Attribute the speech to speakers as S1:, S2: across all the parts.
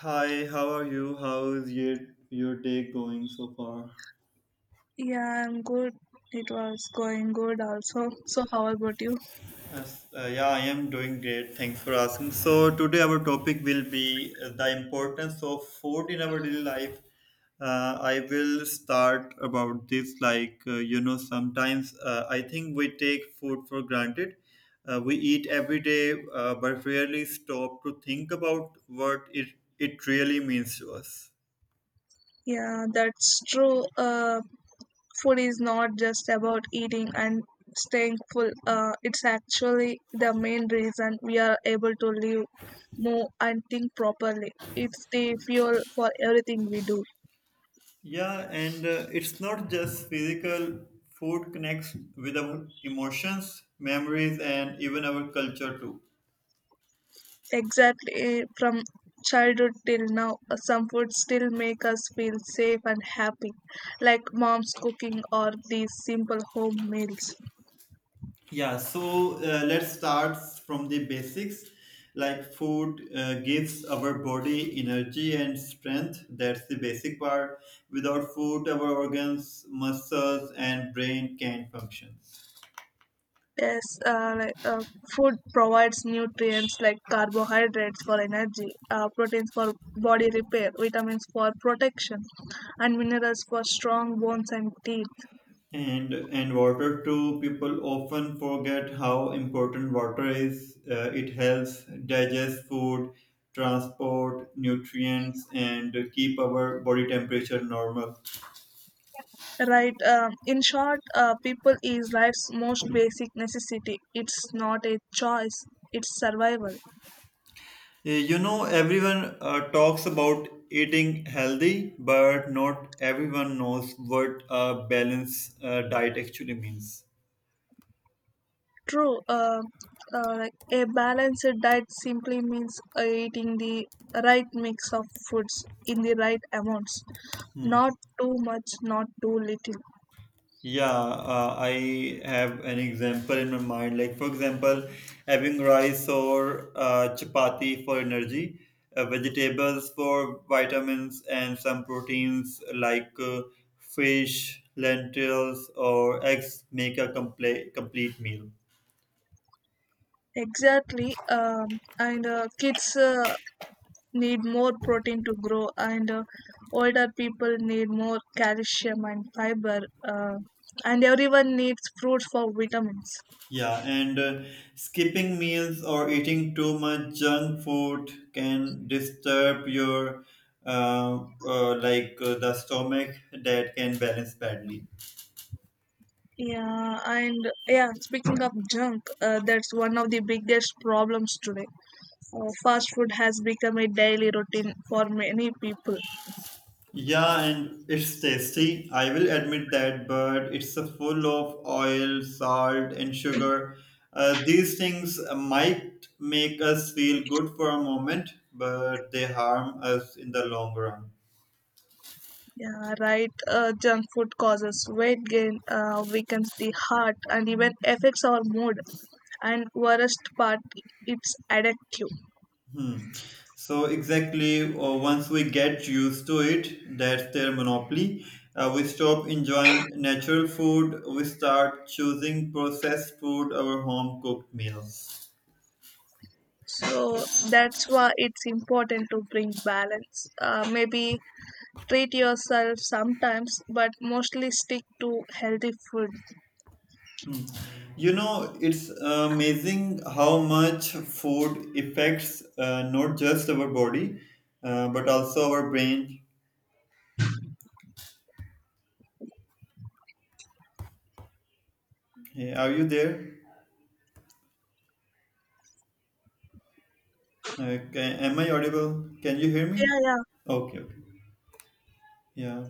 S1: Hi, how are you? How is your day going so far?
S2: Yeah, I'm good. It was going good also. So, how about you?
S1: Yes, I am doing great. Thanks for asking. So today our topic will be the importance of food in our daily life. I will start about this. Sometimes I think we take food for granted. We eat every day, but rarely stop to think about what it really means to us.
S2: Yeah, that's true. Food is not just about eating and staying full. It's actually the main reason we are able to live, move, and think properly. It's the fuel for everything we do.
S1: Yeah, and it's not just physical. Food connects with our emotions, memories, and even our culture too.
S2: Exactly. From childhood till now, some foods still make us feel safe and happy, like mom's cooking or these simple home meals.
S1: Yeah, so let's start from the basics. Like food gives our body energy and strength. That's the basic part. Without food, our organs, muscles, and brain can't function.
S2: Yes, food provides nutrients like carbohydrates for energy, proteins for body repair, vitamins for protection, and minerals for strong bones and teeth.
S1: And water too. People often forget how important water is. It helps digest food, transport nutrients, and keep our body temperature normal.
S2: Right. In short, people is life's most basic necessity. It's not a choice. It's survival.
S1: You know, everyone talks about eating healthy, but not everyone knows what a balanced diet actually means.
S2: True. Like a balanced diet simply means eating the right mix of foods in the right amounts,
S1: Hmm.
S2: not too much, not too little.
S1: Yeah, I have an example in my mind. Like, for example, having rice or chapati for energy, vegetables for vitamins, and some proteins like fish, lentils, or eggs make a complete meal.
S2: Exactly. And Kids need more protein to grow, and older people need more calcium and fiber, uh, and everyone needs fruits for vitamins.
S1: Yeah, and skipping meals or eating too much junk food can disturb your the stomach that can balance badly.
S2: yeah and yeah, speaking of junk, that's one of the biggest problems today. Fast food has become a daily routine for many people.
S1: Yeah, and it's tasty. I will admit that, but it's a full of oil, salt, and sugar. These things might make us feel good for a moment, but they harm us in the long run.
S2: Yeah, right. Junk food causes weight gain, weakens the heart, and even affects our mood. And worst part, it's addictive.
S1: So exactly, once we get used to it, that's their monopoly. We stop enjoying natural food. We start choosing processed food over home cooked meals.
S2: So that's why it's important to bring balance. Maybe treat yourself sometimes, but mostly stick to healthy food.
S1: You know, it's amazing how much food affects not just our body, but also our brain. Hey, are you there? Am I audible? Can you hear me?
S2: Yeah, yeah.
S1: Okay, okay. Yeah.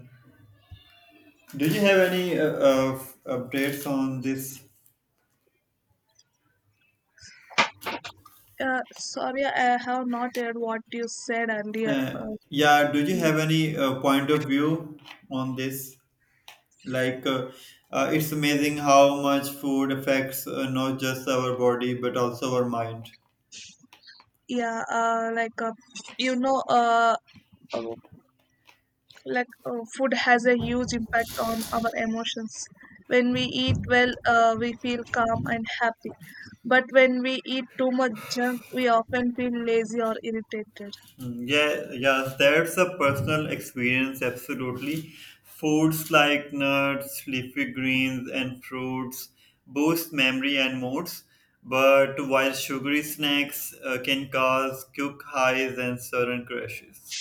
S1: Do you have any updates on this?
S2: Sorry, I have not heard what you said earlier.
S1: Uh, yeah, do you have any point of view on this? Like, it's amazing how much food affects not just our body, but also our mind.
S2: Yeah, like you know, like Food has a huge impact on our emotions. When we eat well, we feel calm and happy, but when we eat too much junk we often feel lazy or irritated.
S1: Mm, yeah, yeah, that's a personal experience, absolutely. Foods like nuts, leafy greens, and fruits boost memory and moods. But while sugary snacks can cause quick highs and sudden crashes.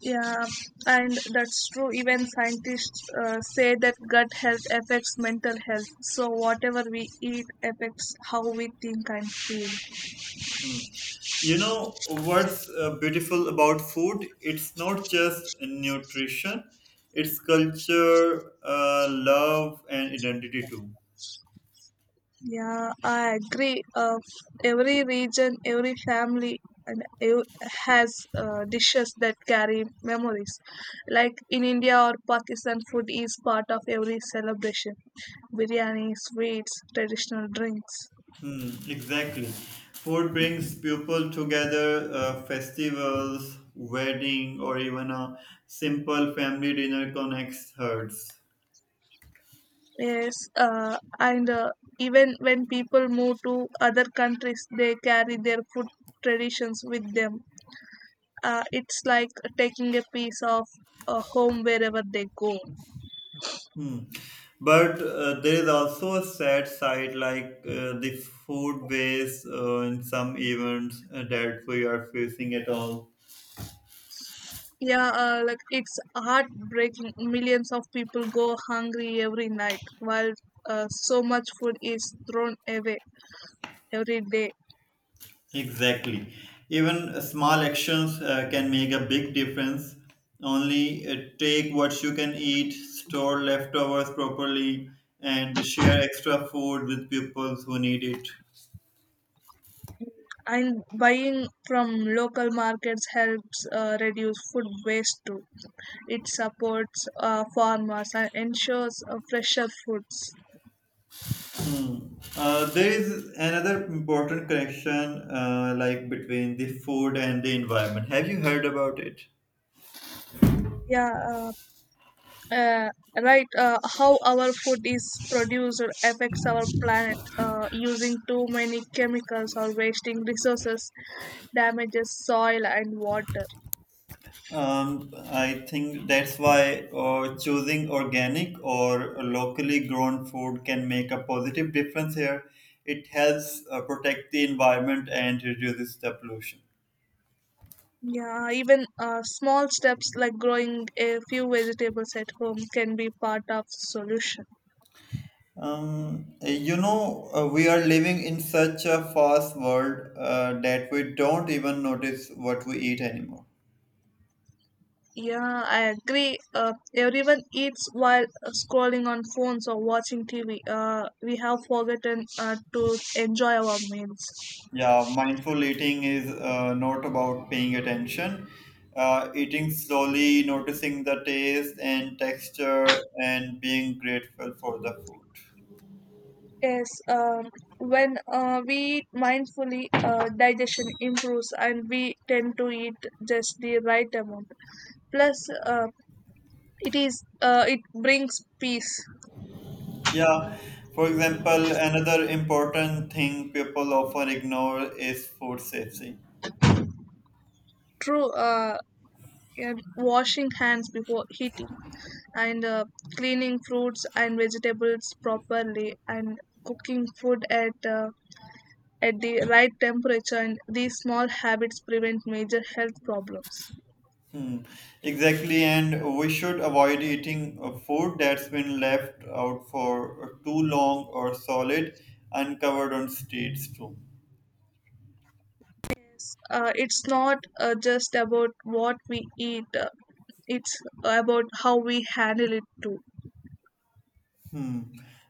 S2: Yeah and That's true. Even scientists say that gut health affects mental health, so whatever we eat affects how we think and feel.
S1: You know what's beautiful about food? It's not just nutrition, it's culture, love, and identity too.
S2: Yeah, I agree. Every region, every family, and has dishes that carry memories. Like in India or Pakistan, food is part of every celebration. Biryani, sweets, traditional drinks.
S1: Hmm, exactly. Food brings people together, festivals, wedding, or even a simple family dinner connects hearts.
S2: Yes, and even when people move to other countries, they carry their food traditions with them. It's like taking a piece of home wherever they go.
S1: Hmm. But there is also a sad side, like the food waste in some events that we are facing at all.
S2: Yeah, like it's heartbreaking. Millions of people go hungry every night while so much food is thrown away every day.
S1: Exactly. Even small actions can make a big difference. Only take what you can eat, store leftovers properly, and share extra food with people who need it.
S2: And buying from local markets helps reduce food waste too. It supports farmers and ensures fresher foods.
S1: There is another important connection, like between the food and the environment. Have you heard about it?
S2: Yeah, uh, uh, right how our food is produced affects our planet. Using too many chemicals or wasting resources damages soil and water.
S1: I think that's why choosing organic or locally grown food can make a positive difference here. It helps protect the environment and reduces the pollution.
S2: Yeah even small steps like growing a few vegetables at home can be part of solution.
S1: You know, we are living in such a fast world that we don't even notice what we eat anymore.
S2: Yeah I agree, everyone eats while scrolling on phones or watching tv. We have forgotten to enjoy our meals.
S1: Yeah, mindful eating is not about paying attention. Eating slowly, noticing the taste and texture, and being grateful for the food.
S2: Yes, when we eat mindfully, digestion improves and we tend to eat just the right amount. Plus, it brings peace.
S1: Yeah, for example, another important thing people often ignore is food safety.
S2: True, and washing hands before eating, and cleaning fruits and vegetables properly, and cooking food at the right temperature. And these small habits prevent major health problems.
S1: Hmm. Exactly, and we should avoid eating food that's been left out for too long or solid, uncovered on streets too.
S2: It's not just about what we eat, it's about how we handle it too.
S1: Hmm.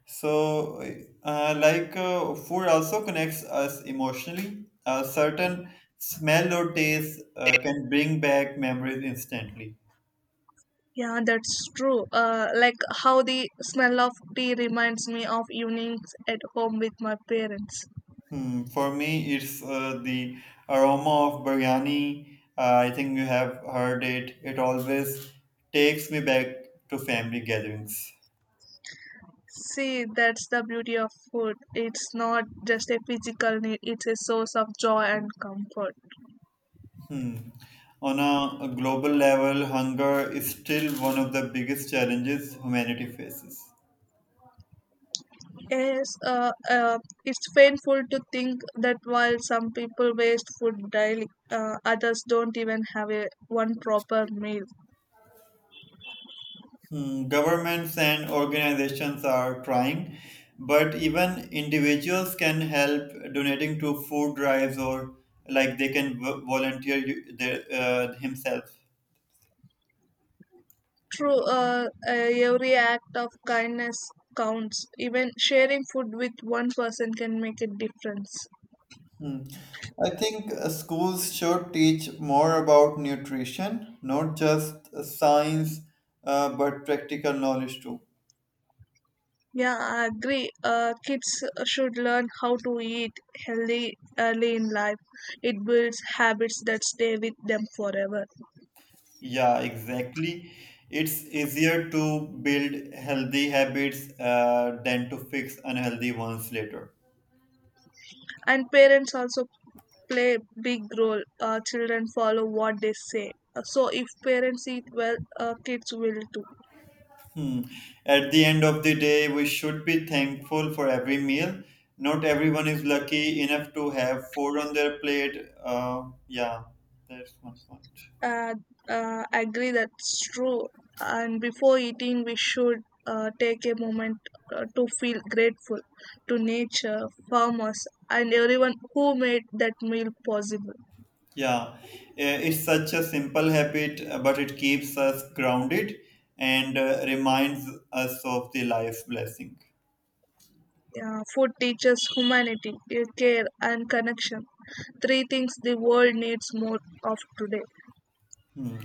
S1: So, food also connects us emotionally. A certain smell or taste can bring back memories instantly.
S2: Yeah, that's true. Like how the smell of tea reminds me of evenings at home with my parents.
S1: Hmm. For me, it's the aroma of biryani. I think you have heard it. It always takes me back to family gatherings.
S2: See, that's the beauty of food. It's not just a physical need, it's a source of joy and comfort.
S1: On a global level, hunger is still one of the biggest challenges humanity faces.
S2: Yes, it's painful to think that while some people waste food daily, others don't even have a one proper meal.
S1: Mm, governments and organizations are trying, but even individuals can help donating to food drives or like they can volunteer their, himself.
S2: True, every act of kindness counts. Even sharing food with one person can make a difference.
S1: Hmm. I think schools should teach more about nutrition, not just science, but practical knowledge too.
S2: Yeah, I agree. Kids should learn how to eat healthy early in life. It builds habits that stay with them forever.
S1: Yeah, exactly. It's easier to build healthy habits than to fix unhealthy ones later.
S2: And parents also play a big role. Children follow what they say. So if parents eat well, kids will too.
S1: Hmm. At the end of the day, we should be thankful for every meal. Not everyone is lucky enough to have food on their plate. Yeah, that's my point.
S2: uh, Agree, that's true. And before eating we should take a moment to feel grateful to nature, farmers and everyone who made that meal possible.
S1: Yeah, it's such a simple habit, but it keeps us grounded and reminds us of the life's blessing.
S2: Yeah, food teaches humanity, care and connection, three things the world needs more of today.
S1: Hmm.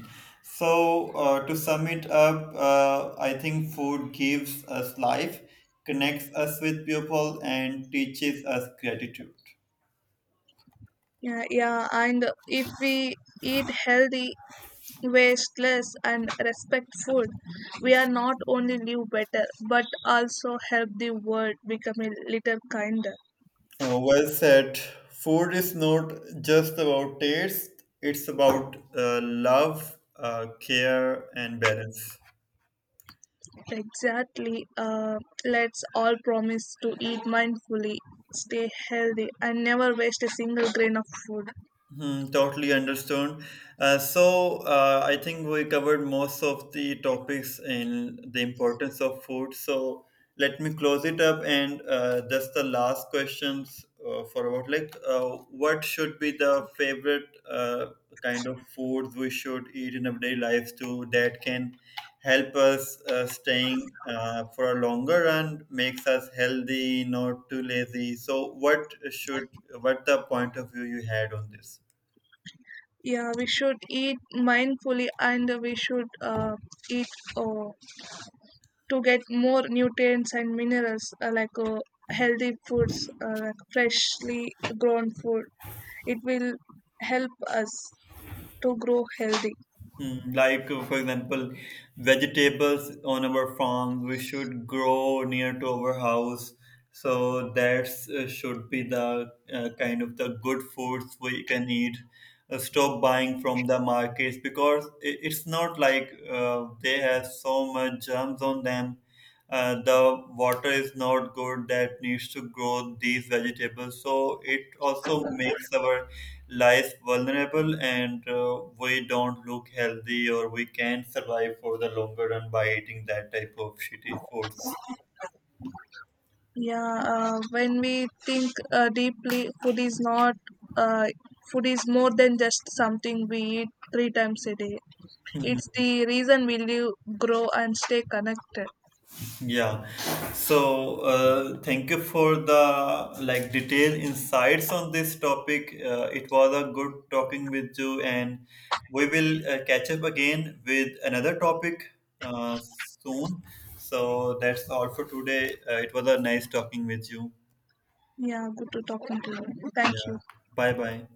S1: So, to sum it up, I think food gives us life, connects us with people, and teaches us gratitude.
S2: Yeah, yeah, and if we eat healthy, wasteless and respectful, we are not only live better but also help the world become a little kinder.
S1: Well said. Food is not just about taste, it's about love, care, and balance.
S2: Exactly. Let's all promise to eat mindfully, stay healthy, and never waste a single grain of food.
S1: Hmm, totally understood. So, I think we covered most of the topics in the importance of food. So, let me close it up and just the last questions for about what should be the favorite kind of food we should eat in everyday life too that can help us staying for a longer run, makes us healthy, not too lazy. So, what should what the point of view you had on this?
S2: Yeah, we should eat mindfully, and we should eat uh, to get more nutrients and minerals, healthy foods, like freshly grown food. It will help us to grow healthy.
S1: Hmm, like, for example, vegetables on our farm, we should grow near to our house. So that should be the kind of the good foods we can eat. Stop buying from the markets because it's not like they have so much germs on them, the water is not good that needs to grow these vegetables. So it also makes our life vulnerable and we don't look healthy or we can't survive for the longer run by eating that type of shitty foods.
S2: Yeah, when we think deeply, food is not uh, food is more than just something we eat 3 times a day. It's the reason we live, grow and stay connected.
S1: Yeah. So, thank you for the like detailed insights on this topic. It was a good talking with you, and we will catch up again with another topic soon. So that's all for today. It was a nice talking with you.
S2: Yeah, good to talking to you, thank
S1: Yeah.
S2: you.
S1: Bye bye.